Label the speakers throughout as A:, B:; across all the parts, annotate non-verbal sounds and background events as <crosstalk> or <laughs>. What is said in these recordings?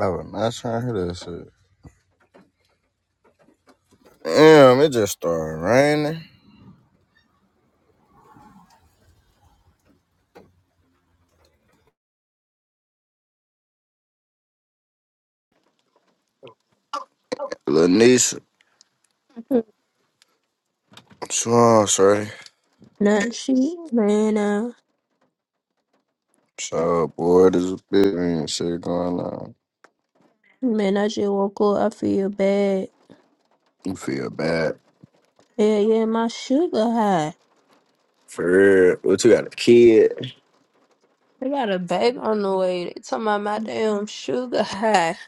A: I was not trying to hear that shit. Damn, it just started raining. Little niece, she on, sorry. So bored as a bitch. Ain't shit going on.
B: Man, I just woke up. I feel bad.
A: You feel bad.
B: Yeah, yeah, my sugar high.
A: For real. What you got a kid?
B: I got a baby on the way. They talking about my damn sugar high.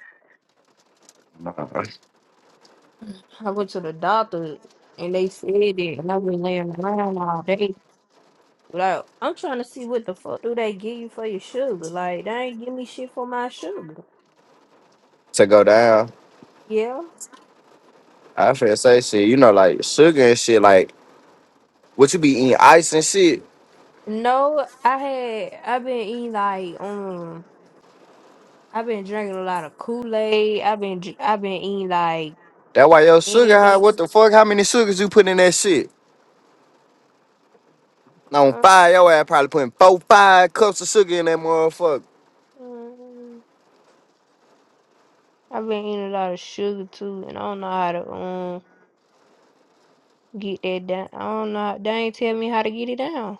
A: Nah.
B: I went to the doctor and they said it, and I've been laying around all day. Like, I'm trying to see what the fuck do they give you for your sugar? Like, they ain't give me shit for my sugar.
A: To go down.
B: Yeah.
A: I feel say shit, you know, like sugar and shit, like what you be eating ice and shit.
B: No, I had. I've been eating like um. I've been drinking a lot of Kool Aid. I've been. dr- I've been eating like
A: That why your sugar high,
B: candy.
A: what the fuck? How many sugars you put in that shit? On fire, your ass probably putting four, five cups of sugar in that motherfucker.
B: Uh-uh. I've been eating a lot of sugar too, and I don't know how to um get that down. I don't know. how- They ain't tell me how to get it down.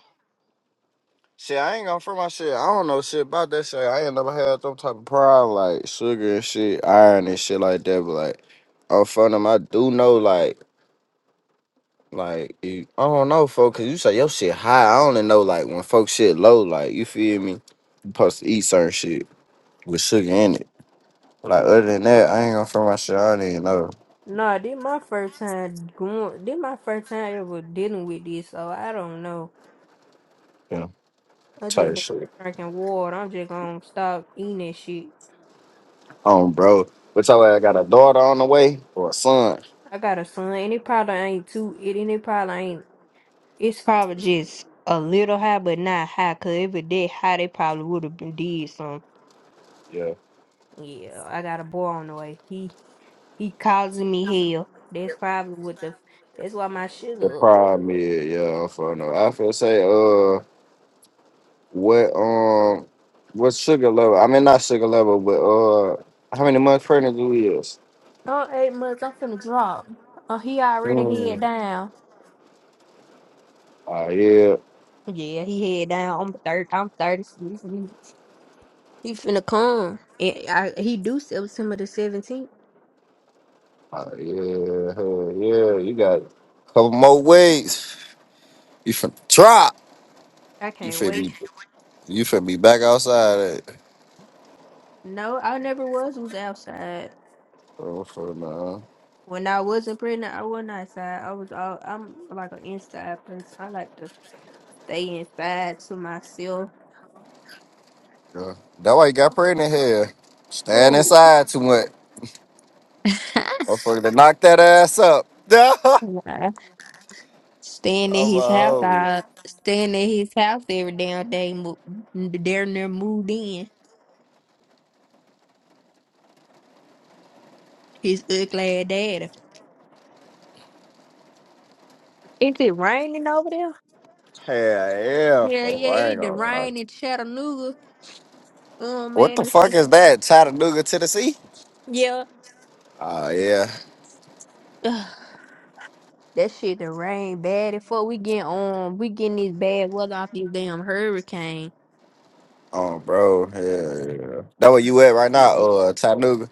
A: Shit, I ain't gonna for my shit. I don't know shit about that shit. I ain't never had some type of problem like sugar and shit, iron and shit like that. But like, I'm front them, I do know like, like you, I don't know, folks, cause you say your shit high. I only know like when folks shit low. Like you feel me? You supposed to eat certain shit with sugar in it. Like other than that, I ain't gonna for my shit. I don't even know,
B: Nah, this my first time going. This my first time ever dealing with this, so I don't know.
A: you know,
B: I
A: type
B: just
A: of
B: been
A: shit.
B: drinking water. I'm just gonna stop eating that shit.
A: Um, bro, which I like, I got a daughter on the way or a son.
B: I got a son, and it probably ain't too. It and it probably ain't. It's probably just a little high, but not high. Cause if it did high, they probably would have been did some.
A: Yeah.
B: Yeah, I got a boy on the way. He He causing me hell. That's probably what the. That's why my
A: The
B: sugar up.
A: problem is, yeah, I'm for no. I feel say, uh. What um what sugar level? I mean not sugar level, but uh how many months pregnant you is?
B: Oh, eight months. I'm finna drop. Oh, he already head
A: Mm.
B: down.
A: Oh yeah.
B: Yeah, he head down. I'm thirty. I'm thirty. He finna come. And I, he do September the seventeenth.
A: Oh yeah, hell yeah, you got a couple more weeks. You finna drop.
B: I
A: You
B: can't
A: finna
B: wait.
A: be you finna be back outside at
B: No, I never was was outside.
A: oh, for now.
B: When I wasn't pregnant, I wasn't outside. I was all. I'm like an inside person. I like to stay inside to myself.
A: Yeah. That why you got pregnant here. Staying
B: Oh.
A: inside too much. Motherfucker to knock that ass up. <laughs> I'm a
B: <laughs> Staying at his house,
A: homie.
B: I staying at his house every damn day. mo- Darren near moved in. His ugly ass daddy. Is it raining over there?
A: Hell yeah,
B: Yeah,
A: fool.
B: yeah,
A: I ain't
B: it the
A: gonna lie.
B: rain in Chattanooga. Oh
A: What
B: man,
A: the
B: that
A: fuck
B: shit.
A: is that? Chattanooga, Tennessee?
B: Yeah.
A: Oh, yeah.
B: Ugh, that shit the rain bad before we get on we getting this bad weather off this damn hurricane.
A: Oh, bro. Yeah, yeah. That where you at right now? Uh, Chattanooga?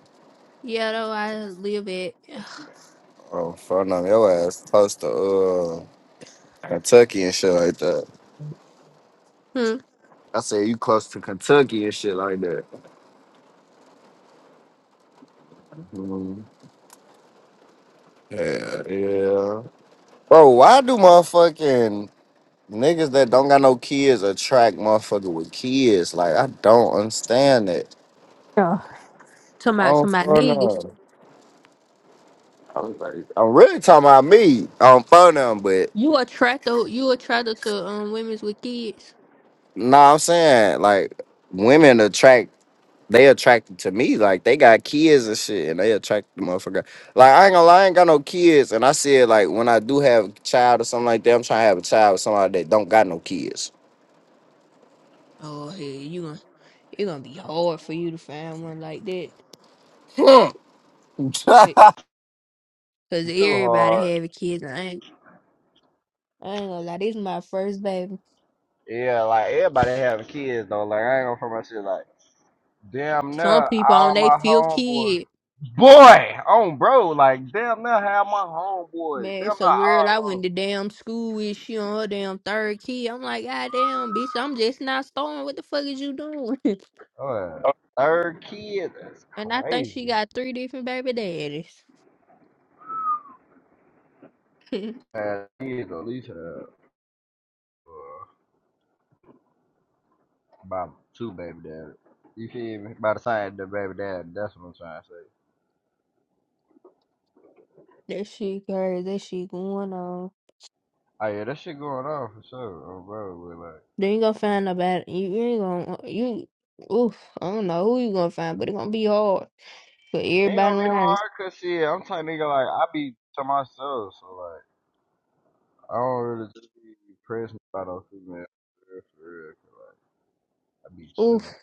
B: Yeah though I live at <sighs>
A: Oh, front of your ass. Close to uh, Kentucky and shit like that.
B: hmm.
A: I said you close to Kentucky and shit like that. Mhm. Yeah, yeah. Bro, why do motherfucking niggas that don't got no kids attract motherfucker with kids? Like, I don't understand it.
B: Yeah. to my
A: Oh,
B: to my
A: front
B: niggas.
A: of. I was like, I'm really talking about me i on phone number.
B: You attract tho- you attracted to um women's with kids.
A: Nah, I'm saying like women attract. They attracted to me. Like they got kids and shit, and they attract the motherfucker. Like I ain't gonna lie, I ain't got no kids, and I said like when I do have a child or something like that, I'm trying to have a child with somebody that don't got no kids.
B: Oh, hell, you gonna it gonna be hard for you to find one like that,
A: yeah, You <laughs>
B: But- cause
A: too
B: everybody
A: hard.
B: having kids. and I ain't, I ain't gonna lie, this is my first baby.
A: Yeah, like everybody having kids though. Like I ain't gonna front my shit like damn
B: Some
A: near
B: people on
A: all
B: their
A: my
B: fifth
A: homeboys.
B: kid.
A: Boy, on bro, like damn near have my homeboys.
B: Man,
A: Damn
B: it's
A: near
B: a girl I
A: all of
B: went
A: 'em.
B: to damn school with. She on her damn third kid. I'm like, God damn, bitch, I'm just not starting. What the fuck is you doing? <laughs>
A: Uh, third kid, that's
B: and I think
A: crazy.
B: she got three different baby daddies. <laughs> that
A: And he's at least uh, uh, about two baby dad. You feel me? By the side of the baby dad, that's what I'm trying to say.
B: shit crazy. That shit going on.
A: Oh yeah, that shit going on for sure. Oh bro, but like,
B: Then you gonna find nobody. You, you ain't gonna uh, you. Oof, I don't know who you gonna find, but it gonna be hard for
A: ain't
B: everybody
A: gonna be
B: around.
A: hard,
B: you.
A: cause shit, I'm type nigga like I be to myself, so like I don't really just be pressed by no female for real, for real. 'cause, like I be chilling.
B: Oof,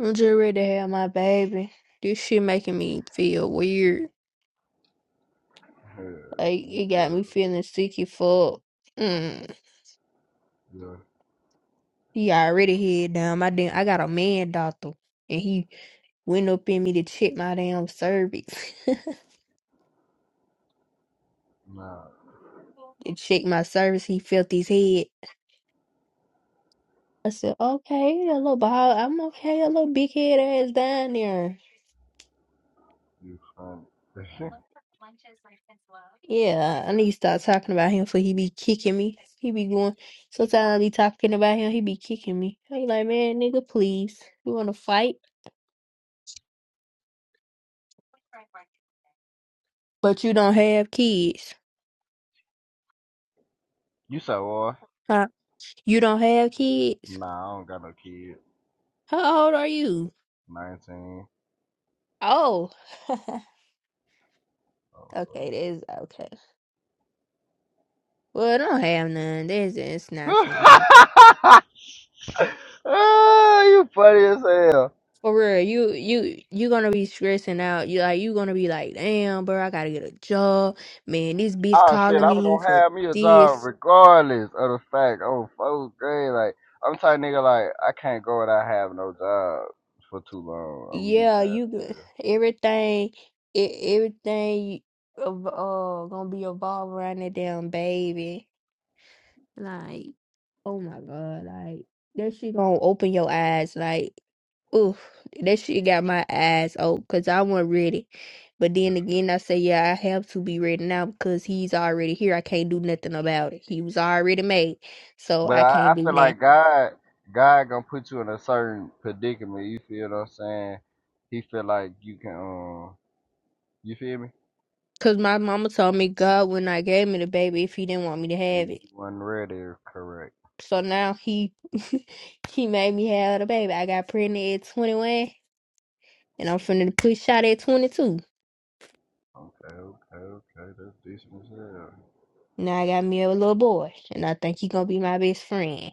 B: I'm just ready to have my baby. This shit making me feel weird.
A: Hell
B: Like it got
A: yeah,
B: me feeling sick as fuck. Mm.
A: yeah,
B: He already head down. My damn, I got a man doctor, and he went up in me to check my damn cervix.
A: nah,
B: <laughs> to check my cervix, he felt his head. I said, okay, a little ball. I'm okay, a little big head ass down there.
A: you funny.
B: Yeah, I need to start talking about him for he be kicking me. He be going sometimes I be talking about him, he be kicking me. I be like, man, nigga, please. You wanna fight? But you don't have kids.
A: <laughs> you so what?
B: Huh? You don't have kids?
A: Nah, I don't got no kid.
B: How old are you?
A: 19.
B: Oh <laughs> okay,
A: Oh,
B: that is okay. Well I don't have none. This it's not for me.
A: fuck. <laughs> Ah, you funny as hell.
B: For real, you you you gonna be stressing out. You like you gonna be like, damn, bro, I gotta get a job. Man, this bitch
A: Oh, shit,
B: calling
A: I was
B: me
A: gonna
B: for
A: have me a job
B: this.
A: regardless of the fact. Oh, fourth grade. Like, I'm type nigga, like, I can't go without having no job for too long. I'm gonna be
B: Yeah,
A: mad at
B: you g-
A: this.
B: everything, e- everything, of- uh, gonna be evolved around that damn baby. Like, oh my God, like that shit gonna open your eyes. Like. Oof, that shit got my eyes open because I wasn't ready. But then again, I say, yeah, I have to be ready now because he's already here. I can't do nothing about it. He was already made, so
A: But
B: I
A: I,
B: can't
A: I
B: do
A: feel
B: nothing.
A: like God God gonna put you in a certain predicament. You feel what I'm saying? He feel like you can um you feel me?
B: Because my mama told me God would not gave me the baby if he didn't want me to
A: If
B: have
A: you
B: it.
A: wasn't ready correct.
B: So now he <laughs> he made me have the baby. I got pregnant at 21, and I'm finna push out at 22.
A: Okay, okay, okay, that's decent as hell.
B: Now I got me a little boy, and I think he gonna be my best friend.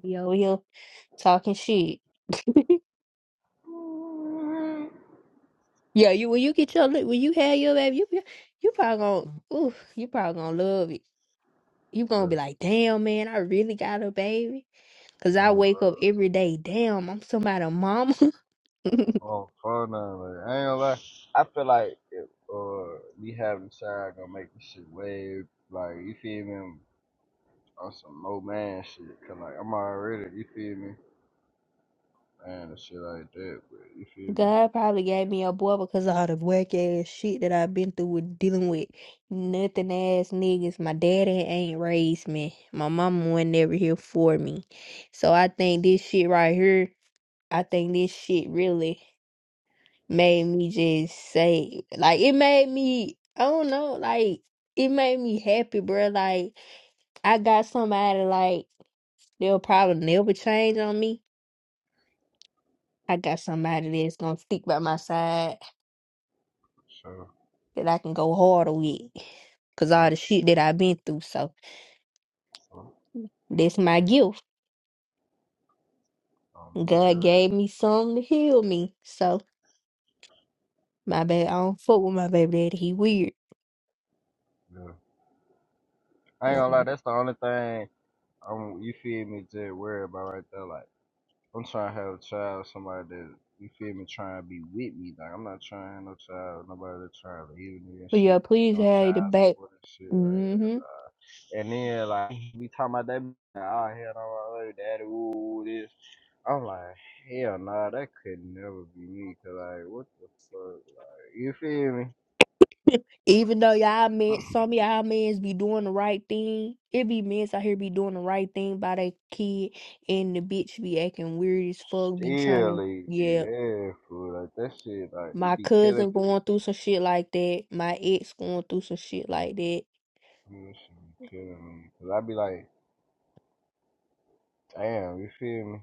B: Be over here talking shit. <laughs> Yeah, you when you get your li- when you have your baby, you you you probably gonna ooh, you probably gonna love it. You gonna be
A: Yeah.
B: like, damn man, I really got a baby. Cause I
A: Oh bro.
B: wake up every day, damn, I'm somebody's mama. <laughs>
A: Oh fun like, I ain't gonna lie. I feel like if uh me having child gonna make this shit way like you feel me on some low man shit. Cause like I'm already you feel me? and the shit like that. But you feel me?
B: God probably gave me a boy because of all the whack ass shit that I've been through with dealing with nothing ass niggas. My daddy ain't raised me. My mama wasn't never here for me. So I think this shit right here, I think this shit really made me just say, like, it made me, I don't know, like, it made me happy, bro. Like, I got somebody, like, they'll probably never change on me. I got somebody that's gonna stick by my side
A: So,
B: that I can go harder with. Cause all
A: yeah.
B: the shit that I've been through. So
A: So,
B: that's my gift.
A: on me,
B: God
A: there
B: gave
A: is.
B: me something to heal me. So my baby, I don't fuck with my baby daddy. He weird.
A: Yeah. I ain't gonna lie,
B: Um,
A: that's the only thing I'm, you feel me, just worried about right there. Like, I'm trying to have a child, somebody that you feel me, trying to be with me. Like I'm not trying to have no child, nobody that trying to leave me and
B: but yeah,
A: shit. You
B: please
A: know,
B: have the
A: child
B: back.
A: support and shit. Like,
B: hmm
A: yeah, nah. And then like we talking about that, oh hell no, my daddy, woo, this. I'm like, hell nah, that could never be me. Cause like, what the fuck, like, you feel me?
B: Even though y'all men,
A: <clears throat>
B: some of y'all men's be doing the right thing. It be men's out here be doing the right thing by their kid, and the bitch be acting weird as fuck. Be trying
A: Still,
B: to,
A: leave
B: yeah.
A: yeah, fool. Like that shit, like
B: My
A: it be killing
B: cousin
A: me.
B: going through some shit like that. My ex going through some shit like that
A: That shit be killing me. Cause I be like, damn, you feel me?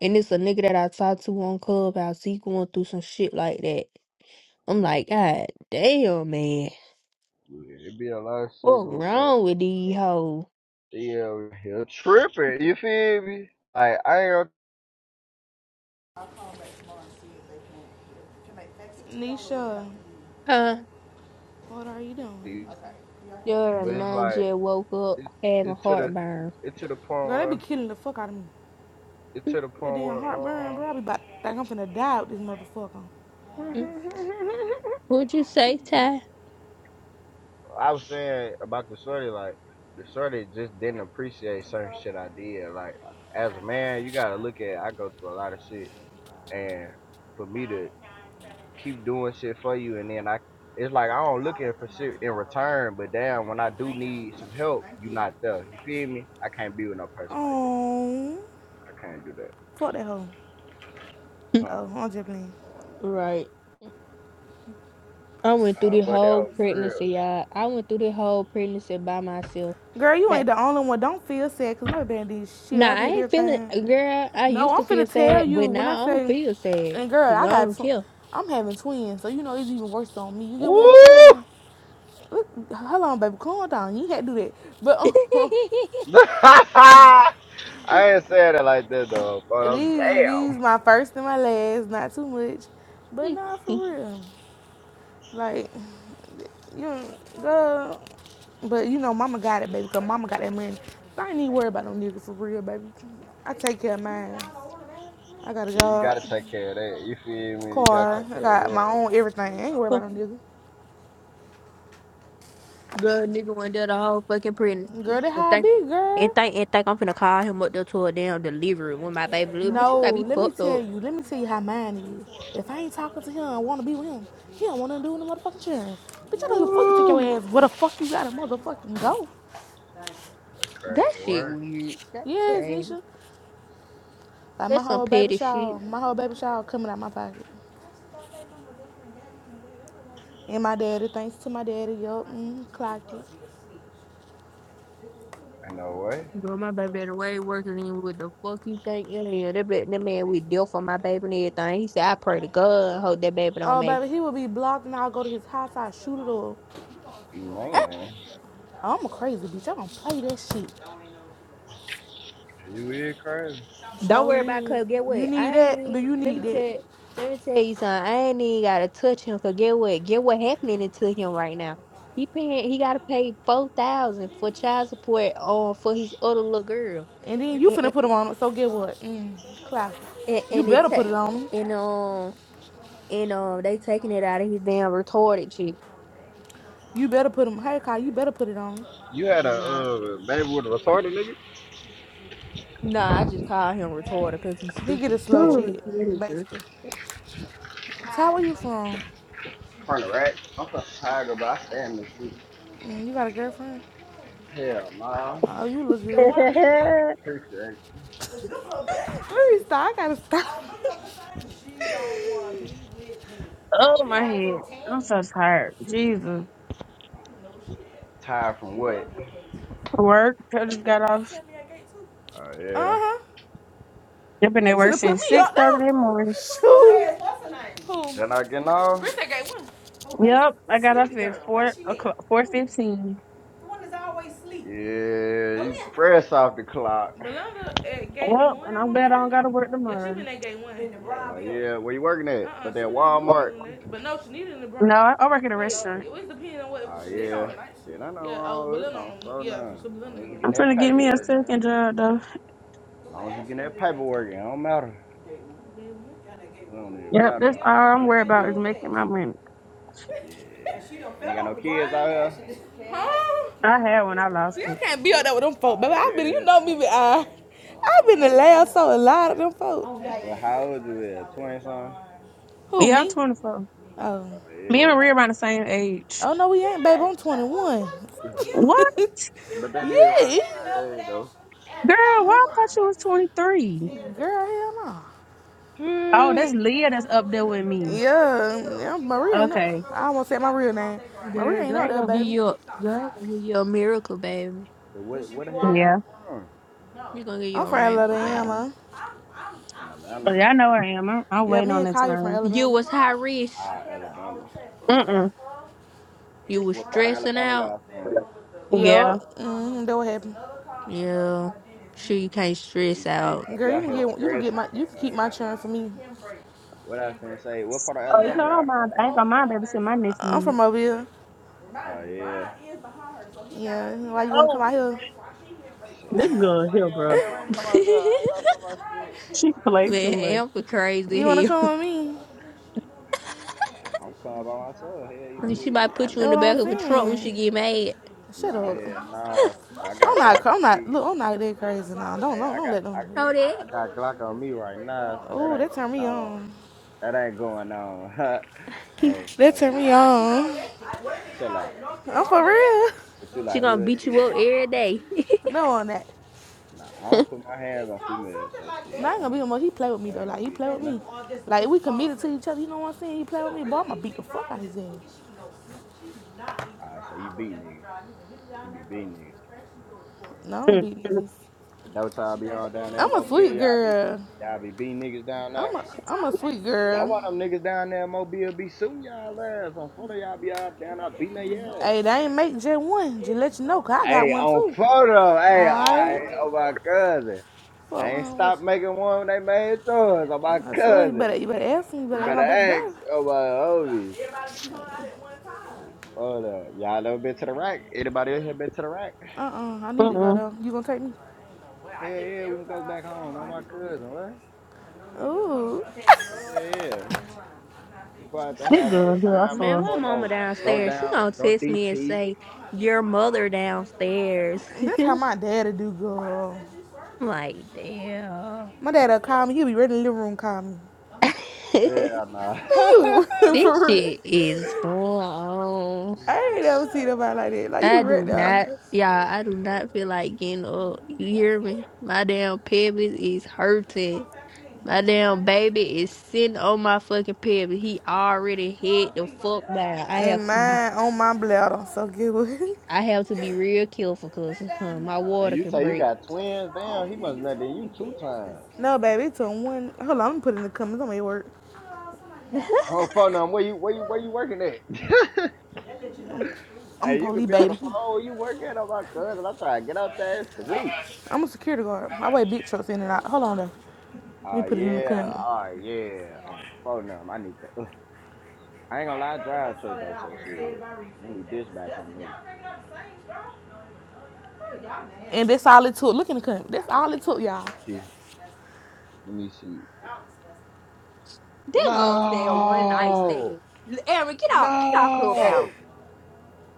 B: And it's a nigga that I talked to on Clubhouse. He going through some shit like that. I'm like, God damn, man.
A: Yeah, It be a lot of shit
B: What
A: going on.
B: wrong with these hoes?
A: Yeah, here tripping. You feel me? Like I ain't,
C: them tomorrow? Nisha,
B: Huh?
C: what are you
A: gonna-
C: doing?
B: Your
A: but it's
B: nine
A: like
B: just woke up
A: it,
B: having
A: it to the
B: heartburn.
A: it to the point
C: Girl, they be
A: where
C: killing the fuck out of me.
A: it
B: mm
A: to the
C: That
A: point
C: damn
A: where
C: heartburn,
A: uh,
C: bro. I be about to think I'm finna die with this motherfucker.
A: <laughs>
B: What'd you say, Ty?
A: I was saying about the shorty like the shorty just didn't appreciate certain shit I did. Like as a man, you gotta look at I go through a lot of shit, and for me to keep doing shit for you, and then I, it's like I don't looking for shit in return. But damn, when I do need some help, you not there. You feel me? I can't be with no person like that.
C: Oh,
A: I can't do that.
C: fuck that hoe.
A: Huh.
C: Oh, I'm just playing.
B: Right. I went through
A: Uh,
B: the
A: fuck that hoe
B: whole
A: for real.
B: pregnancy, y'all. I went through the whole pregnancy by myself.
C: Girl, you ain't
B: But
C: the only one. Don't feel sad, cause my band did shit.
B: nah,
C: I
B: I
C: did
B: ain't feeling,
C: everything.
B: girl. I
C: No,
B: used
C: I'm
B: to feel
C: finna tell
B: sad,
C: you
B: but
C: when
B: now
C: I
B: I don't
C: say,
B: feel sad.
C: and girl,
B: 'Cause
C: I
B: I
C: got,
B: don't
C: tw- I'm having twins, so you know it's even worse on me. You get what I'm
A: Woo!
C: saying? Look, hold on, baby, calm down. You can't do that. But Uh, <laughs>
A: <laughs>
B: care.
A: I ain't saying it like that though, but I'm
C: These
A: damn.
C: these my first and my last, not too much, but nah, for real. Like you know, girl, but you know, mama got it, baby, cause mama got that money. So I ain't even worry about no nigga for real, baby. I take care of mine. I got a
A: Yeah, you
C: job,
A: gotta take care of that. You feel me? You gotta
C: car,
A: take
C: I
A: care of
C: got my
A: yours.
C: own everything. I ain't worry
B: <laughs>
C: about no nigga.
B: Good nigga went there the whole fucking prison.
C: Girl, that
B: And
C: how I
B: think,
C: be,
B: and
C: girl.
B: think, and think I'm finna call him up there to a damn delivery when my baby little bitch. You got
C: No,
B: me
C: let me
B: fucked
C: tell
B: up.
C: you, let me tell you how mine is. If I ain't talking to him, I wanna be with him. He don't wanna do in the motherfucking chair. Bitch, I don't give a fuck you take your
A: Woo!
C: ass where the fuck you gotta motherfucking go.
A: That crazy
B: That shit
A: work.
B: weird. That
C: Yes,
B: crazy.
C: Nisha. Like my
B: That's some
C: whole baby
B: petty shit.
C: shower, my whole baby shower coming out my pocket. And my daddy, thanks to my daddy, yup, mm, clock it.
A: I know what.
B: Girl, my baby had a way worse than what the fuck you think in here. That, bit- that man we deal for my baby and everything. He said, I pray to God, hope that baby don't
C: Oh,
B: make
C: baby, he will be blocked and I'll go to his house, I'll shoot it up.
B: it."
A: Man,
C: Oh, I'm a crazy bitch, I don't play that shit.
A: you is crazy.
C: So,
B: Don't worry about
C: Liz,
B: Cuz. Get
C: you
B: what?
C: need
B: I ain't
C: that? Do
B: even
C: you
B: let
C: need
B: me
C: that?
B: tell let me tell you something. I ain't even gotta touch him. So get what? Get what happening to him right now. He paying he gotta pay four thousand for child support on for his other little girl.
C: And then you
B: And and,
C: finna put him on it, so get what? Mm, clock
B: and
C: it. You
B: it
C: better put it on
B: ta-
C: him.
B: and um and um they taking it out of his damn retarded chick.
C: You better put him, hey, Kyle, you better put it on him.
A: You had a
B: Yeah.
A: uh, baby with a retarded nigga?
B: Nah, I just call him retarded because he's
C: He get a
B: stupid as
C: slow
B: fuck.
C: check,
D: Ooh, Jesus.
C: basically. Ty, where you from?
A: Front of rack. I'm from Tiger, but I stand the shit.
C: Mm, you got a girlfriend?
A: Hell nah.
C: Oh, you look
D: <laughs>
C: good.
A: Preacher
C: Where is that? I gotta stop.
D: oh, my head. I'm so tired. Jesus.
A: tired from what?
D: Work. I just got off.
A: Oh uh,
C: Uh
A: yeah.
C: huh.
D: I've been
C: They
D: at
C: should
D: work
C: have put
D: since
C: me up
D: 6.30 in
C: now.
D: the morning.
C: Shoot. Who?
A: Just not getting off?
C: Chris at gate one.
D: Yep. I got off at 4 o'clock, 4.15.
A: Yeah, you press off the clock.
C: Belinda at gate
D: Yep.
C: one,
D: And
C: I
D: I'm
C: wanna
D: glad I
C: say.
D: don't got to work
C: Yeah, she
D: tomorrow.
C: been at gate one.
A: Oh uh, yeah, where you working
C: Uh
A: at?
C: uh
A: But that
C: she been in the blue
A: Walmart.
C: building lately. But no, she needed in the brown.
D: No, I, I work at a
C: Wait,
D: restaurant.
C: it was depending on what.
A: Oh uh,
C: she
A: yeah.
C: was.
A: Shit, I know
C: Yeah, oh,
A: wrong with it.
C: Belinda on
A: I'm so
C: the. Yeah, so
A: none. As
C: Belinda in
A: long
C: the
A: as you getting
D: I'm trying
C: blue
A: that
D: to get me a
C: building.
A: paperwork.
D: second
C: Yeah.
D: job, though.
A: As long as you getting that paperwork, it don't matter. It don't even
D: Yep.
A: matter. As
D: That's
A: long
D: all
A: as you getting
D: I'm
A: that
D: worried about is
A: cheese.
D: making my money.
A: Yeah. You ain't got no kids out here?
C: Ashley just Huh?
D: I had one. I lost
C: See, I
D: it.
C: can't be up there with them folk,
A: Ah,
C: baby. I've been, you
A: yeah,
C: know
A: down
C: me, but
A: south real
C: I,
A: life, I'm
C: I've
A: fucking.
C: been the last so a lot of them folk.
A: Well, how old you is? Twenty something?
C: Who,
D: Yeah, I'm
C: me?
D: 24.
C: Oh.
A: Oh
D: Me and
A: yeah.
D: Maria around the same age.
C: Oh, no, we ain't, babe. I'm 21. <laughs> yeah.
A: Mhm.
D: What?
A: But that is around the same age though.
D: Girl, why I thought you was 23.
C: Girl, hell no.
D: Oh,
A: Yeah.
D: that's Leah that's up there with me.
C: Yeah, yeah, Maria ain't up.
D: Okay.
C: I almost said my real name. Maria
B: Girl,
C: ain't up
B: girl
C: there,
B: gonna give
C: baby.
B: you a girl gonna give you a miracle, baby.
A: So what what the hell
D: Yeah.
A: y'all from?
B: you gonna get
C: I'm
B: a
C: from
B: rainbow, baby.
C: Alabama.
A: From
D: Oh,
A: Atlanta?
D: yeah, I know I am. I'm, I'm
C: Yeah,
D: waiting
C: me
D: on
C: and
D: the
C: Kaya from
D: turn.
B: You
C: Alabama.
B: was high risk.
A: Ah, Alabama. From uh,
D: Mm-mm.
B: You was
A: what part of
B: stressing
A: Alabama
B: out?
A: y'all from?
D: Yeah.
C: Yup. Mm-hmm. That what happened.
B: Yeah. Sure you can't stress
A: You can't you
B: out.
C: me.
A: can't be out
C: Girl, you
A: here
C: So can get you can get
A: scratching
C: my
A: for
C: you can
A: I
C: keep
A: ain't
C: my
A: gonna
C: churn for
A: lie.
C: me.
A: What I finna say, what part of
D: Oh, you
A: Alabama
D: know, I
A: y'all
D: don't
A: from?
D: mind. I ain't gonna mind babysitting my
C: I'm
D: nephew.
C: from Mobile.
A: Oh yeah.
C: Yeah. Why you wanna
D: Oh,
C: come out here?
A: Shit, I
D: this
A: have
D: girl
A: my
D: here,
A: hair,
D: bro.
A: I don't come
B: <laughs>
C: <laughs>
A: out there, I ain't gonna put my shit.
D: She play
B: Man,
D: too much.
B: Amber
C: You wanna
B: crazy hell.
C: come with me?
B: <laughs>
A: Shit, I'm coming by myself, hell you
B: And She
A: be.
B: might
C: That's
B: put you in
C: what
B: the
C: I'm
B: back of a trunk when she
C: saying.
B: get mad.
C: Shut
A: Nah, hell
C: up.
A: nah. fool. I got
C: I'm not.
A: Glock
C: I'm
A: on
C: not.
A: me.
C: Look, I'm not that crazy now. Don't
A: Hey,
C: don't
A: I
C: don't
A: got
C: let
A: I
C: them do it.
B: Know that?
A: I got Glock on me right now, so
C: Oh,
A: that
C: that
A: ain't
C: road. turned me
A: going on.
C: on.
A: That ain't going on. <laughs>
B: <laughs>
A: oh,
C: That
A: oh, that.
C: turned me on.
A: Chill out.
C: I'm for real.
A: But you
B: she
A: like
B: gonna
A: hood
B: beat
A: nigga?
B: you up every day. <laughs>
C: No on that.
A: Nah, I don't put my hands on females, so shit.
C: Not gonna be no
A: I'm
C: more. He play with me
A: that
C: though.
A: ain't
C: Like
A: gonna
C: he
A: be,
C: play with
A: you know.
C: me. Like we committed to each other. You know what I'm saying? He play with me, but I'ma beat the fuck out his ass.
A: Alright, so you beat niggas. You be beating niggas.
C: No, I don't beat niggas.
A: That what y'all be on down there in
C: I'm a
A: Mobile?
C: sweet
A: Y'all be
C: girl.
A: y'all be beating niggas down there.
C: I'm a I'm a sweet
A: That
C: girl.
A: why them niggas down there in Mobile be suing y'all ass. I'm full of y'all be out down there beating their ass.
C: Hey, they ain't make just one. Just let you know, cause I got
A: Hey,
C: one
A: on
C: too.
A: photo, hey, I,
C: Alright.
A: oh my cousin. They
C: What
A: ain't
C: wrong with
A: stop
C: you?
A: making one when they made toys. Oh my
C: I swear you better
A: cousin.
C: you better ask me, you better
A: You
C: ask
A: better
C: my baby
A: ask.
C: daddy.
A: Oh my Ovi. Hold up. Y'all ever been to the rack? Anybody else here been to the rack?
C: Uh uh I need to go
D: Mm-mm.
C: though. You gonna take me?
A: Hell yeah, we can go back home. Oh my cousin, what?
C: Ooh.
A: Yeah, yeah. We're going to
D: This
A: have a good
D: girl here, I
A: time. I'm
B: Man,
D: saw. her.
B: my
A: for
B: mama
A: no Go
B: downstairs, she
A: down,
B: gonna
A: go
B: text me and
A: DT.
B: say, Your mother downstairs.
C: <laughs>
B: <laughs>
C: That's
B: I'm
C: how my daddy do girl.
B: like, damn.
C: My dad'll call me. He'll be right in the living room call me.
B: <laughs>
A: Yeah, nah.
C: Man,
A: <laughs>
C: you <laughs> for
B: this
C: real.
B: shit is going on.
C: I
A: Mm,
C: ain't never seen nobody like that. Like you
B: I do
C: right there.
B: not, yeah, I do
A: hold
B: not
A: up.
B: feel like getting up. You hear me? My damn pelvis is hurting. My damn baby is sitting on my fucking pelvis. He already hit the fuck down. I have
C: And
B: to be,
C: mine on my bladder. So get <laughs>
B: I have to be real careful because huh, my
A: and
B: water
A: you
B: can
A: say you
B: break.
A: got twins? Damn, he must have done you two times.
C: No, baby, it's on one. Hold on, I'm gonna put it in the comments. I'm at work.
B: <laughs>
A: Oh, phone number. Where you where you where you working at? <laughs>
C: I'm a
A: hey, you
C: police
A: could be on the
C: baby.
A: phone. Oh, you working on my cousin? I'm trying to get up there. Sweet.
C: I'm a security guard. I weigh big trucks in and out. Hold on though. Let me
A: Oh
C: put it in the
A: yeah.
C: comments.
A: Oh yeah. I'm a phone number. I need to. I ain't gonna lie. I drive to it though. So shit. Let me dispatch him, nigga.
C: And that's all it took. Look in the comments. That's all it took,
A: Let
C: y'all.
A: me see. Let me see.
B: that girl said a one night
A: No.
B: stand. L- Amber, get out, get out, clubhouse.
A: No.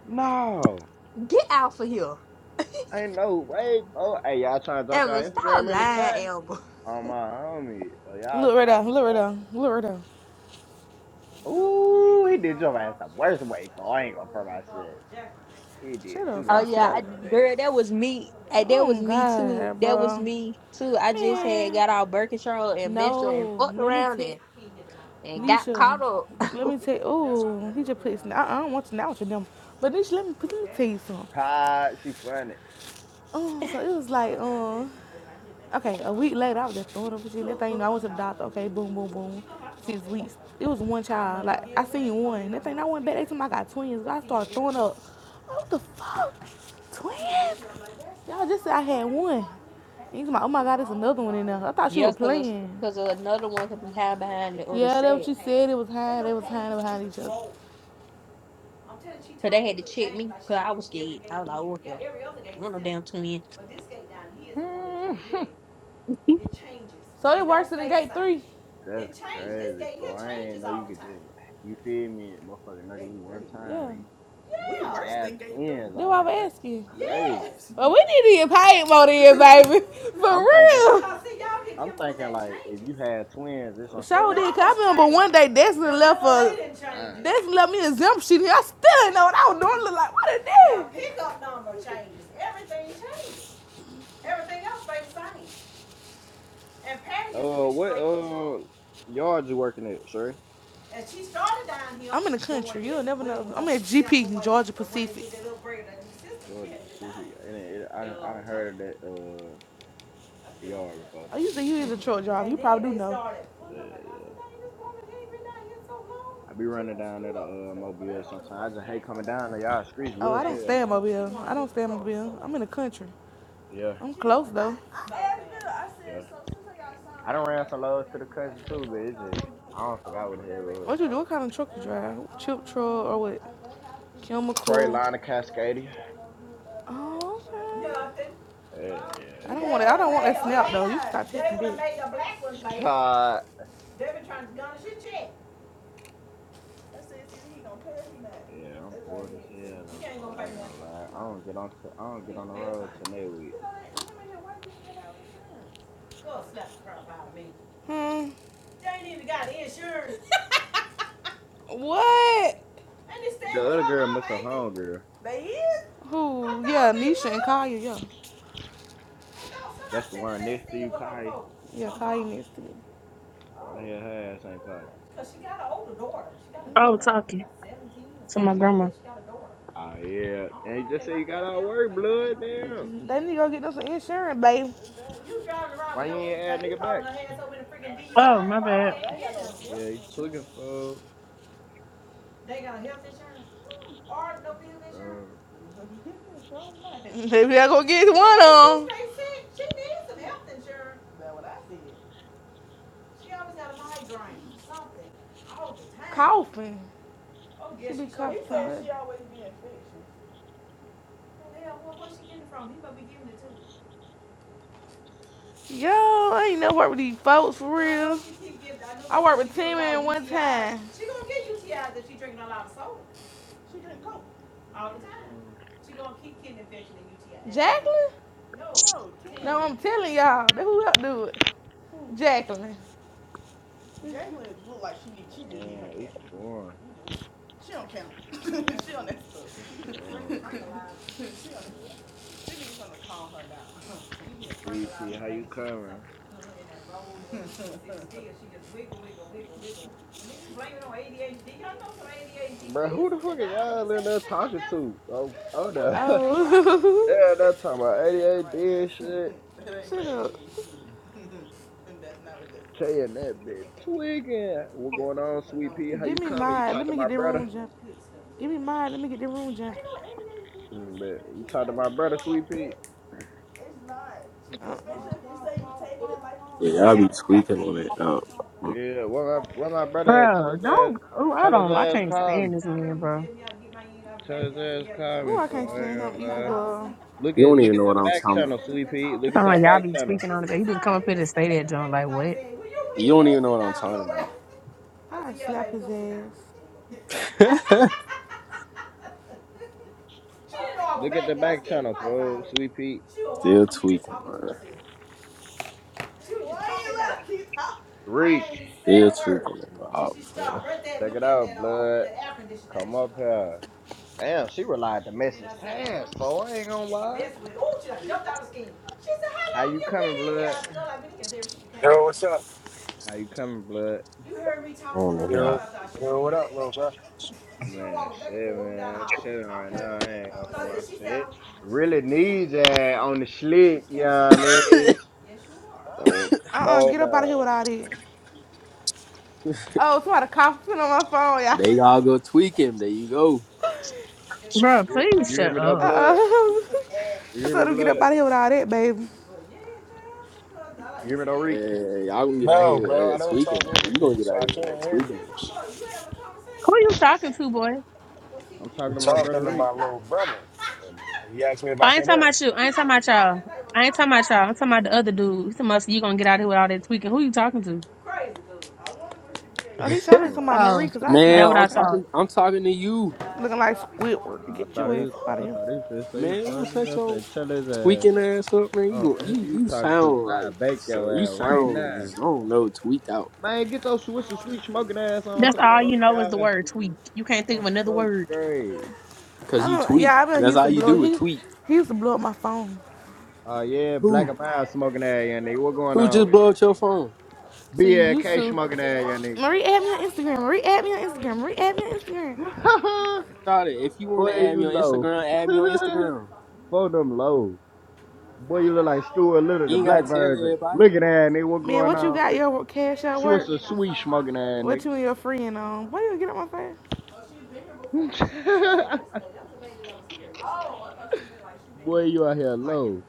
A: No.
B: Get out for here.
A: Ain't no way, bro. Hey, y'all trying to drop y'all
B: Amber, stop
A: Instagram in the chat?
B: lying, Amber.
A: Oh my homie. So y'all
C: Look right there.
A: snapping?
C: Look right
A: for
C: there. Look right there.
A: Ooh, he did your ass the worst way, for I ain't gonna for my shit. He
C: Shut
A: did
C: up
A: you
C: if
A: the
B: Oh
C: I
B: yeah,
C: slapped
B: I,
A: worst
C: her.
B: girl,
A: way.
B: that was me. Hey, that
C: Oh
B: was me too.
C: God,
B: That was
C: bro.
B: me too. I just had
C: Man.
B: got out birth control and menstrual and
C: No.
B: fucked
C: Let me
B: around and,
C: take
B: and got
C: Nisha.
B: caught up.
C: Let me take oh, he just put his. I, I don't want to now with your number. But Nisha, let me put let me tell you something.
A: Ha, she funny.
C: Oh, so it was like, um, okay, a week later I was just throwing up with you. That thing you know, I went to the doctor, okay, boom, boom, boom. Six weeks. It was one child. Like I seen one. That thing I went back, they told me I got twins. I started throwing up. What the fuck? Twins? Y'all just said I had one. And you talking oh my God, there's another one in there. I thought you were
B: Yes, because
C: playing.
B: because another one could be hiding behind the other
C: Yeah, that's
B: side.
C: what you said. It was high. They was hiding behind each other.
B: So they had to check me because I was scared. I was like, oh, hell, I'm no damn twin. <laughs>
C: So it worse than gate three.
A: <laughs> That's crazy, bro. I ain't know you could just, you feel me, motherfucker, know you one time
C: Yeah,
A: and you had twins
C: that's
A: out
C: why I'm
A: here. That's
C: asking.
A: crazy.
C: But we need to get paid more then, baby. <laughs> For
A: I'm thinking
C: real.
A: shit. I'm thinking like if you had twins, this on some
C: Sure
A: shit like
C: did, cause I remember one day Destiny left
A: that'd be
C: for
A: two times.
C: Destiny left me exemption. I still didn't know what I was doing. Look like what it did. Pickup number changes. Everything changes.
A: Uh, what uh yard you working at, sir?
C: I'm in the country. You'll never know. I'm at GP, Georgia Pacific.
A: Georgia Pacific. And it, it, I done- I done heard of that uh yard before.
C: I used to use a truck driver. You probably do know.
A: Yeah, yeah. I be running down at a uh, Mobile sometimes. I just hate coming down to y'all streets,
C: like, Oh, I
A: low as
C: don't she
A: hell.
C: stay in Mobile. I don't do stay in So Mobile. I'm in the country.
A: Yeah,
C: I'm close though. like,
A: yeah. I done ran some lows to the cousin too, but it's just I don't forgot what the hell it was.
C: What you do? What kind of truck you drive? Chip truck or what? Chemical?
A: Freightliner Cascadia.
C: Oh, okay.
A: Yeah,
C: I don't
A: yeah.
C: want it. I don't want that snap though. You stop taking
A: God. Yeah, I'm bored as hell though. For I ain't gonna lie, I don't get on. To, I don't get on the road till next week.
C: Hmm. What?
A: The other girl must a home girl.
C: Who? Yeah, Nisha and Kaya. Yeah.
A: That's the one next to you, Kai.
C: Yeah, Kaya needs to me.
A: Why the hell her ass ain't talking?
D: I was talking to my grandma.
A: Ah yeah, and you just say you got all work, blood. Damn,
C: They need to go get us some insurance, baby.
A: why you ain't add nigga back?
D: Oh, my bad.
A: Yeah, he's looking for. Uh,
C: <laughs> Maybe I go get one on. them. Coughing. Yo, I ain't never worked with these folks for Jacqueline? I'm telling y'all. That who helped do it? Jacqueline.
A: man, it's boring. It's boring. dude. Three P, how you coming? Bro, who the fuck is all in there talking to? Oh, oh no. <laughs>
C: Oh. <laughs>
A: They're not talking about 88 dead shit.
C: Shut up.
A: K and that bitch tweaking. What going on, Sweet P? How you
C: Give me
A: coming? You
C: mine.
A: talk
C: Let
A: to
C: me
A: my
C: get that
A: brother?
C: room jump. Give me mine. Let me get that room jump. I
A: Mm, You talk to my brother, Sweet P?
E: Yeah, y'all be tweaking on it. Um,
A: Yeah, what my, what my brother tell
D: Bro,
A: his ass,
D: don't. Oh, I
A: tell his
D: don't. I
A: ass,
D: can't
A: call me.
D: stand this man, bro.
A: Tell his ass call
C: Ooh,
A: me
C: I
A: for.
C: can't
A: I
C: stand
A: ain't
C: him
A: gonna
C: either,
A: lie.
C: girl.
A: Look
E: you
A: at
E: don't
A: look
E: even
A: at
E: know
A: the
E: what I'm
A: back
E: talking
A: channel,
E: about.
A: Sweet Pete. Look at
D: I'm
A: your
D: like, y'all
A: back
D: be
A: channel.
D: tweaking on it. He just come up here to stay there, John. Like, what?
E: You don't even know what I'm talking about.
C: I I done slap his ass.
A: Look at the back channel, bro. Sweet Pete.
E: Still tweaking, man.
A: Reek.
E: Still tweaking. Man. Oh, for
A: Check it out, blood. Come up here. Damn, she relied to message fast, bro. I ain't gonna lie. How you coming, blood?
F: Yo, what's up?
A: How you coming, blood?
E: oh, yeah.
F: Yo, yo, what up, little bro?
A: Man, shit, man. I'm chilling right now. I ain't gonna for my shit. Really needs that on the slick, you know what I mean? Oh,
C: Uh uh
A: oh
C: get up out of here
A: no.
C: without it. Oh, somebody coughing on my phone, y'all.
E: They all go tweaking. There you go.
D: Bro,
A: You,
D: please
A: you hear
D: shut
A: me though,
C: Uh
D: up.
A: blood?
C: uh
A: You
C: <laughs> I
A: hear me,
C: told him get up
A: blood?
C: out of here without all that, baby.
A: You hear me though, Reek?
E: Man, y'all gonna get out
F: No,
E: here with
F: bro, I
E: that
F: don't
E: tweaking,
F: talk
E: man.
F: over
E: You gonna
F: people,
E: get
F: so
E: out
F: I
E: here with that
F: can't hear
E: tweaking
F: you.
E: and shit.
D: Who you talking to, boy?
A: I'm talking
F: I'm
A: to my
F: talking
A: brother
F: to
A: Reek.
F: my little brother. And He asked me if I
D: I ain't
F: can
D: talking
F: hear him.
D: about you. I ain't talking about y'all. I ain't talking about y'all. I'm talking about the other dude. He's talking about you gonna get out of here with all that tweaking. Who you talking to?
C: Oh, he shouting
A: Oh,
C: to my Marie
D: Oh,
C: because I slapped
E: Man,
C: the
D: that what
E: I'm
D: I
C: fuck out. of him.
D: thought.
E: talking. I'm talking to you,
C: Looking like
A: uh,
C: Squidward.
A: I
C: Get
A: thought it
C: your ass
A: was,
C: out
A: I
C: of here.
A: thought he was finna you
E: man. You don't
A: talking to me.
E: set
A: I
E: your
A: said, tell his ass.
E: tweaking ass up, man.
A: I
E: You
A: don't
E: go,
A: know who
E: you
A: you
E: you
A: talking to, cause
E: sound
A: I
E: like
A: bake
E: son. You
A: your ass right
E: sound.
A: now.
E: just I don't know. Tweaked out
A: Man, get your Swisher sweet smoking ass on
D: That's
A: somewhere
D: all
A: on
D: you
A: the
D: know is the
A: guy,
D: word tweak.
A: fool.
D: You can't think of
A: Oh,
D: another
A: first
D: word.
A: great.
E: because
C: I
E: you
C: don't,
E: tweet.
C: yeah, I know he
E: That's
C: used
E: all
C: to
E: you
C: blow.
E: do is
C: He,
E: tweet.
C: he used to blow up my phone.
A: Oh uh, yeah, black
E: Who?
A: and mild smoking ass, young nigga. What going
E: Who
A: on
E: just
A: with
E: blew up your phone?
C: So
A: you?
C: you used
A: BLK
C: to.
A: smoking ass, young
C: Marie, add me on Instagram. Marie, add me on Instagram. Marie, add me on Instagram.
A: nigga? <laughs>
E: Start it. If you want
A: Boy,
E: to add
A: you
E: me on
A: low.
E: Instagram, add me on
A: <laughs>
E: Instagram.
A: Both them low. Boy, you look like Stuart Little, the
E: You ain't gotta
A: black
E: tell
A: version.
E: everybody.
A: Looking at nigga, what
C: Man,
A: going
C: what you
A: on
C: got
A: with?
C: your cash at
A: Swiss
C: work?
A: a sweet smoking ass
C: What
A: nigga.
C: you and your friend on? Why you get on my face?
A: <laughs> Boy, you out here low.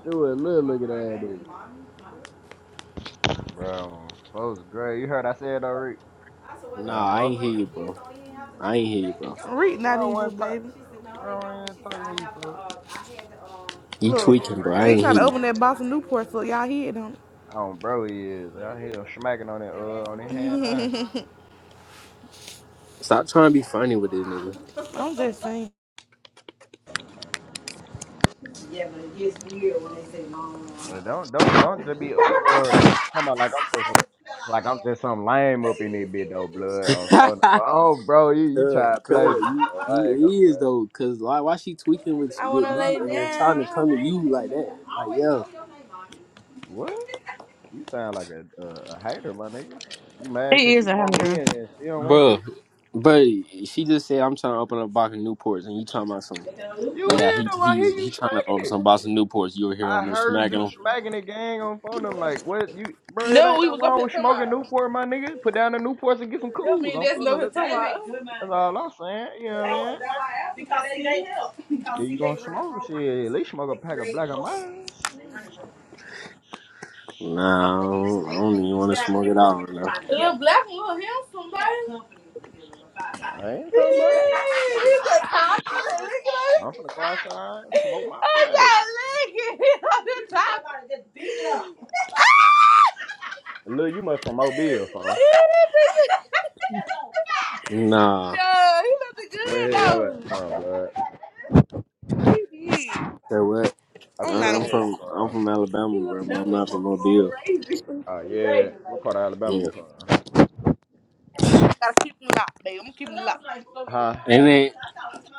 A: Stuart little looking at nigga. Bro, folks great. You heard I said already.
C: I swear, that,
A: Man,
E: Nah, I
C: I
E: ain't
C: swear,
E: hear
A: motherfucker.
C: your
E: you, bro.
C: kids don't even have to
E: I ain't
C: change.
E: hear you,
C: They,
E: bro.
C: your Marie not
A: Bro, I
C: in here,
A: wasn't talk
C: baby. She said, no, they
A: bro,
C: don't.
A: I ain't
C: She said,
A: talking to
C: I
A: you,
C: have to,
A: folks.
C: uh, I had to, um.
E: You
A: Oh uh, yeah,
E: tweaking, bro.
A: Rick
C: Look,
E: I
C: he
A: ass.
E: ain't
C: trying to
E: hear you.
C: open that
A: Yeah.
C: box of Newport, so y'all hear him.
A: Oh, bro, he is. I hear him smacking on it, uh, on his hand knife.
E: Stop trying to be funny with this nigga.
C: I'm just saying.
A: Uh, don't, don't, don't just be uh talking about like I'm just like I'm just some lame up in this bit though, blood. Oh, so-
E: <laughs>
A: oh, bro, you you
E: cuz,
A: try to play
E: cuz,
A: me?
E: you
A: Bro. I ain't gonna
E: you is
A: play.
E: though. Cause like, why she tweaking with
C: I
E: with
C: wanna
E: me
C: lay
E: and trying
C: down.
E: to come to you like that? Like, yo,
A: What? You sound like a a, a hater, my nigga. You
D: It
A: mad 'cause
D: is
A: she
D: a
A: want me
D: hazard.
A: and, and she don't want
E: bro,
A: to?
E: but she just said I'm trying to open up a box of Newports, and you talking about some.
A: You
E: Yeah, he
A: weirdo! I hear
E: he's
A: you
E: he trying to open
A: smacking it.
E: some box of Newports. You were here
A: I
E: on there
A: heard
E: smacking
A: you
E: him.
A: smacking it, gang, on phone. I'm like, what? You, bro, it ain't
C: No, we
A: nothing
C: was up
A: wrong
C: here
A: with
C: talking about.
A: smoking Newport, my nigga. Put down the Newports and get some
C: That
A: cools
C: mean
A: on
C: that's
A: phone.
C: no
A: Them.
C: here
A: That's,
C: talking
A: that's
C: about.
A: that's all I'm saying. You know what I mean? If you gonna smoke shit, at least smoke a pack of black and mine.
E: Nah, I don't, I don't even want to smoke it out right now.
C: little help black one little handsome, baby.
A: I ain't
C: He
A: talking about this shit. You
C: said,
A: smoke
C: "Pop,
A: your shit.
C: I said, <laughs> look
A: I'm
C: at it."
A: finna go outside and smoke my
C: I
A: black.
C: said, look at on the top.
A: Look, you must from Mobile, folks.
C: <laughs>
E: Nah,
C: No, he looked
A: Where the hell your ass
C: good
A: from, blood?
C: though. He did.
E: say what?
A: I
E: I-
C: I'm
A: said,
C: not on
A: where
E: I'm
A: the hell you
E: from I'm
A: from?
E: from Alabama, bro. but
C: That
E: I'm not from Mobile.
A: Oh yeah, what part of Alabama
E: Yeah,
A: you from?
C: I gotta keep him locked, babe. I'm gonna keep him locked. So
A: Huh?
E: and they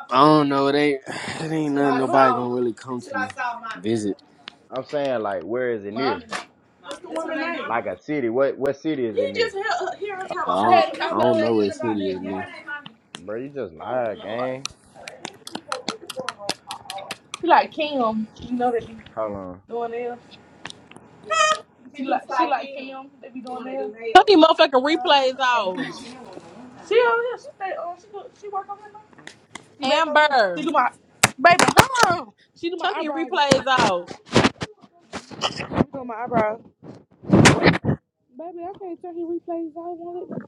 E: I don't know. They it ain't <sighs> it ain't nothing nobody gonna really come to visit.
A: I'm saying like, where is it
C: Mommy.
A: near?
C: a I
A: Like a city? What what city is it near?
C: had
E: I don't
C: a
E: I don't know
C: conversation
E: what
C: about
E: city
C: that.
E: is near.
A: Bro, you just
C: Oh
A: lied,
C: Lord.
A: gang.
C: She like Kim. You know they be
A: Hold on.
C: doing it. She, she like she like Kim. Kim. They be doing it.
G: Turn these motherfucking replays off.
C: She over here. She stay on. She do, she work over here. now. She back over here. She
G: Amber,
C: do my baby. Hold on. She do my
G: turn these
C: eyebrows and
G: replays
C: stuff.
G: off.
C: She do my eyebrows. Baby, I can't turn his replays. I won't let me.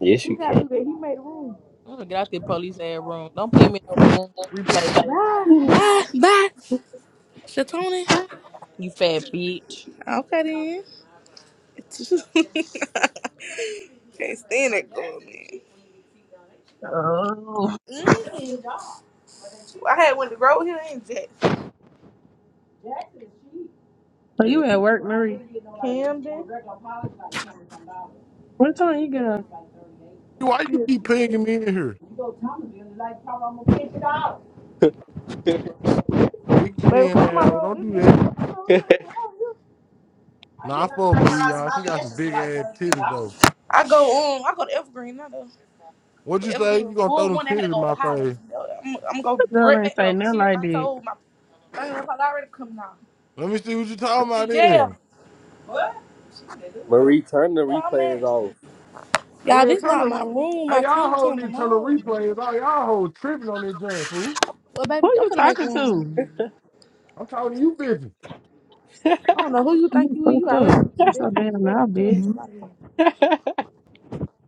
E: Yes,
C: He
E: you
C: gotta
E: can,
C: do that. He made room.
G: I'm gonna get out the police ad room. Don't pin me no room. Replays on.
C: Bye. Bye. Bye. Shatoni.
G: You fat bitch.
C: Okay then. <laughs> can't stand that girl, man.
D: Oh,
C: Mm. I had one to grow here in
D: so
E: man.
D: you at work, Marie?
C: Camden.
D: What time you get up?
H: Why you keep pinging me in here? Big
C: Baby,
H: chin
C: come on my
H: asshole.
C: road.
H: Don't
C: We
H: do that.
C: moving.
E: <laughs>
H: Nah, I fuck Maria. She got some big ass titties though.
C: I go um, I go to Evergreen, not though.
H: What
C: But
H: you say?
C: Evergreen
H: You
C: was
H: gonna throw
C: full.
H: them
C: One that had to
H: titties in
C: go to
H: my
C: Highland.
H: face?
C: I'm, I'm gonna go
D: Girl
C: right
D: ain't
C: back though,
D: say
C: cause
D: nothing
C: she
D: like
C: my
D: that.
C: toe, my fingernail probably already coming off.
H: Let me see what you talking
C: And
H: about
C: in
H: then.
C: jail.
E: Marie, turn the
C: Oh
E: replays
C: man.
E: off,
H: Hey,
C: Y'all,
H: yeah,
C: this
H: turn
C: not
H: the. Re-
C: my room. I
H: hey, y'all
C: can't
H: hold
C: turn
H: need to
C: them
H: turn the
C: on.
H: replays. All y'all hold tripping on this joint, fool.
C: Well,
D: Who
C: baby, I'm
D: you
C: gonna make
D: talking
C: room.
D: to?
H: I'm talking to you, bitch.
C: I don't know who you think
D: You
C: you is. You
D: fucked up.
C: already
D: I'm so
C: disrespectful.
D: damn
C: as fuck.
D: loud,
C: Get your ass
D: bitch.
C: up out of here.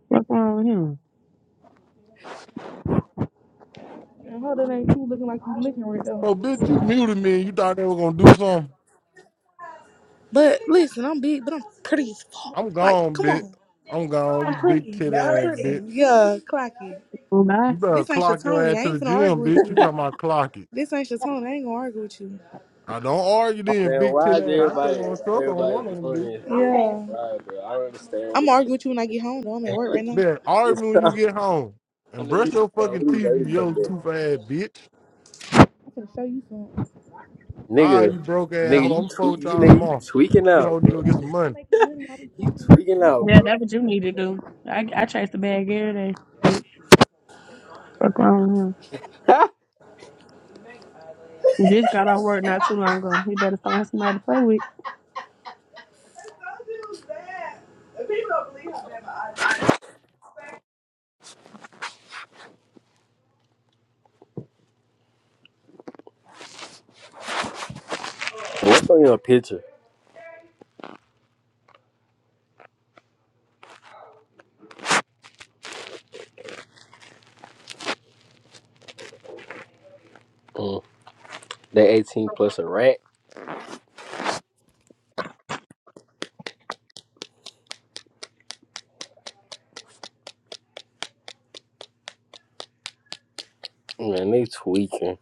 D: What's wrong with him?
C: And her that ain't you looking like you licking right though.
H: Oh, bitch, you muted me. and You thought they were gonna do something.
C: But listen, I'm big, but I'm pretty as fuck.
H: I'm
C: Like,
H: gone,
C: come
H: bitch.
C: on.
H: I'm gone. You
C: I'm
H: big
C: pretty.
H: titty
C: I'm
H: ass
C: pretty.
H: bitch.
C: Yeah, clock it.
D: Boo bye.
H: You better
C: This ain't
H: clock your
C: Shatoni.
H: ass
C: I
H: to the
C: ain't finna argue
H: gym,
C: with
H: bitch. You
C: you.
H: talking about clock it?
C: This ain't Shatoni. I ain't gonna argue with you.
H: I don't argue then,
E: man.
H: big
E: Why
H: tit
E: is
H: ass. I just
E: everybody
H: want to suck on
E: everybody
H: one of them,
E: doing
H: bitch.
E: this, bro?
C: Yeah.
E: Why, bro? I don't understand what
C: I'm gonna
E: the.
C: argue
E: <laughs>
C: with you when I get home, though. I'm at work right now.
H: Man, argue when you get home and
E: Let me,
H: brush your
E: let
H: fucking teeth, you
E: me
H: yo
E: come back.
H: tooth ass bitch.
C: I'm finna show you something.
H: All right, you
E: Nigga,
H: broke ass
E: nigga,
H: hoe.
E: you
H: I'm fuck
E: tweak,
H: with
E: you
H: y'all
E: nigga, you
H: tomorrow.
E: tweaking
H: You
E: out,
H: hoe nigga
E: bro.
H: go
E: <laughs>
H: get some
C: I'm
H: money.
C: making money while we
E: You
C: talking
E: tweaking
C: right now.
E: out,
D: Yeah,
E: bro.
D: that's what you need to do. I I chase the bag every day, bitch. What's wrong with him?
E: <laughs>
D: He Just got off work not too long ago. He better find somebody to play with.
E: What's on your picture? Mm, they 18 plus a rat. Man, they tweaking.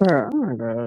D: Girl, oh my god.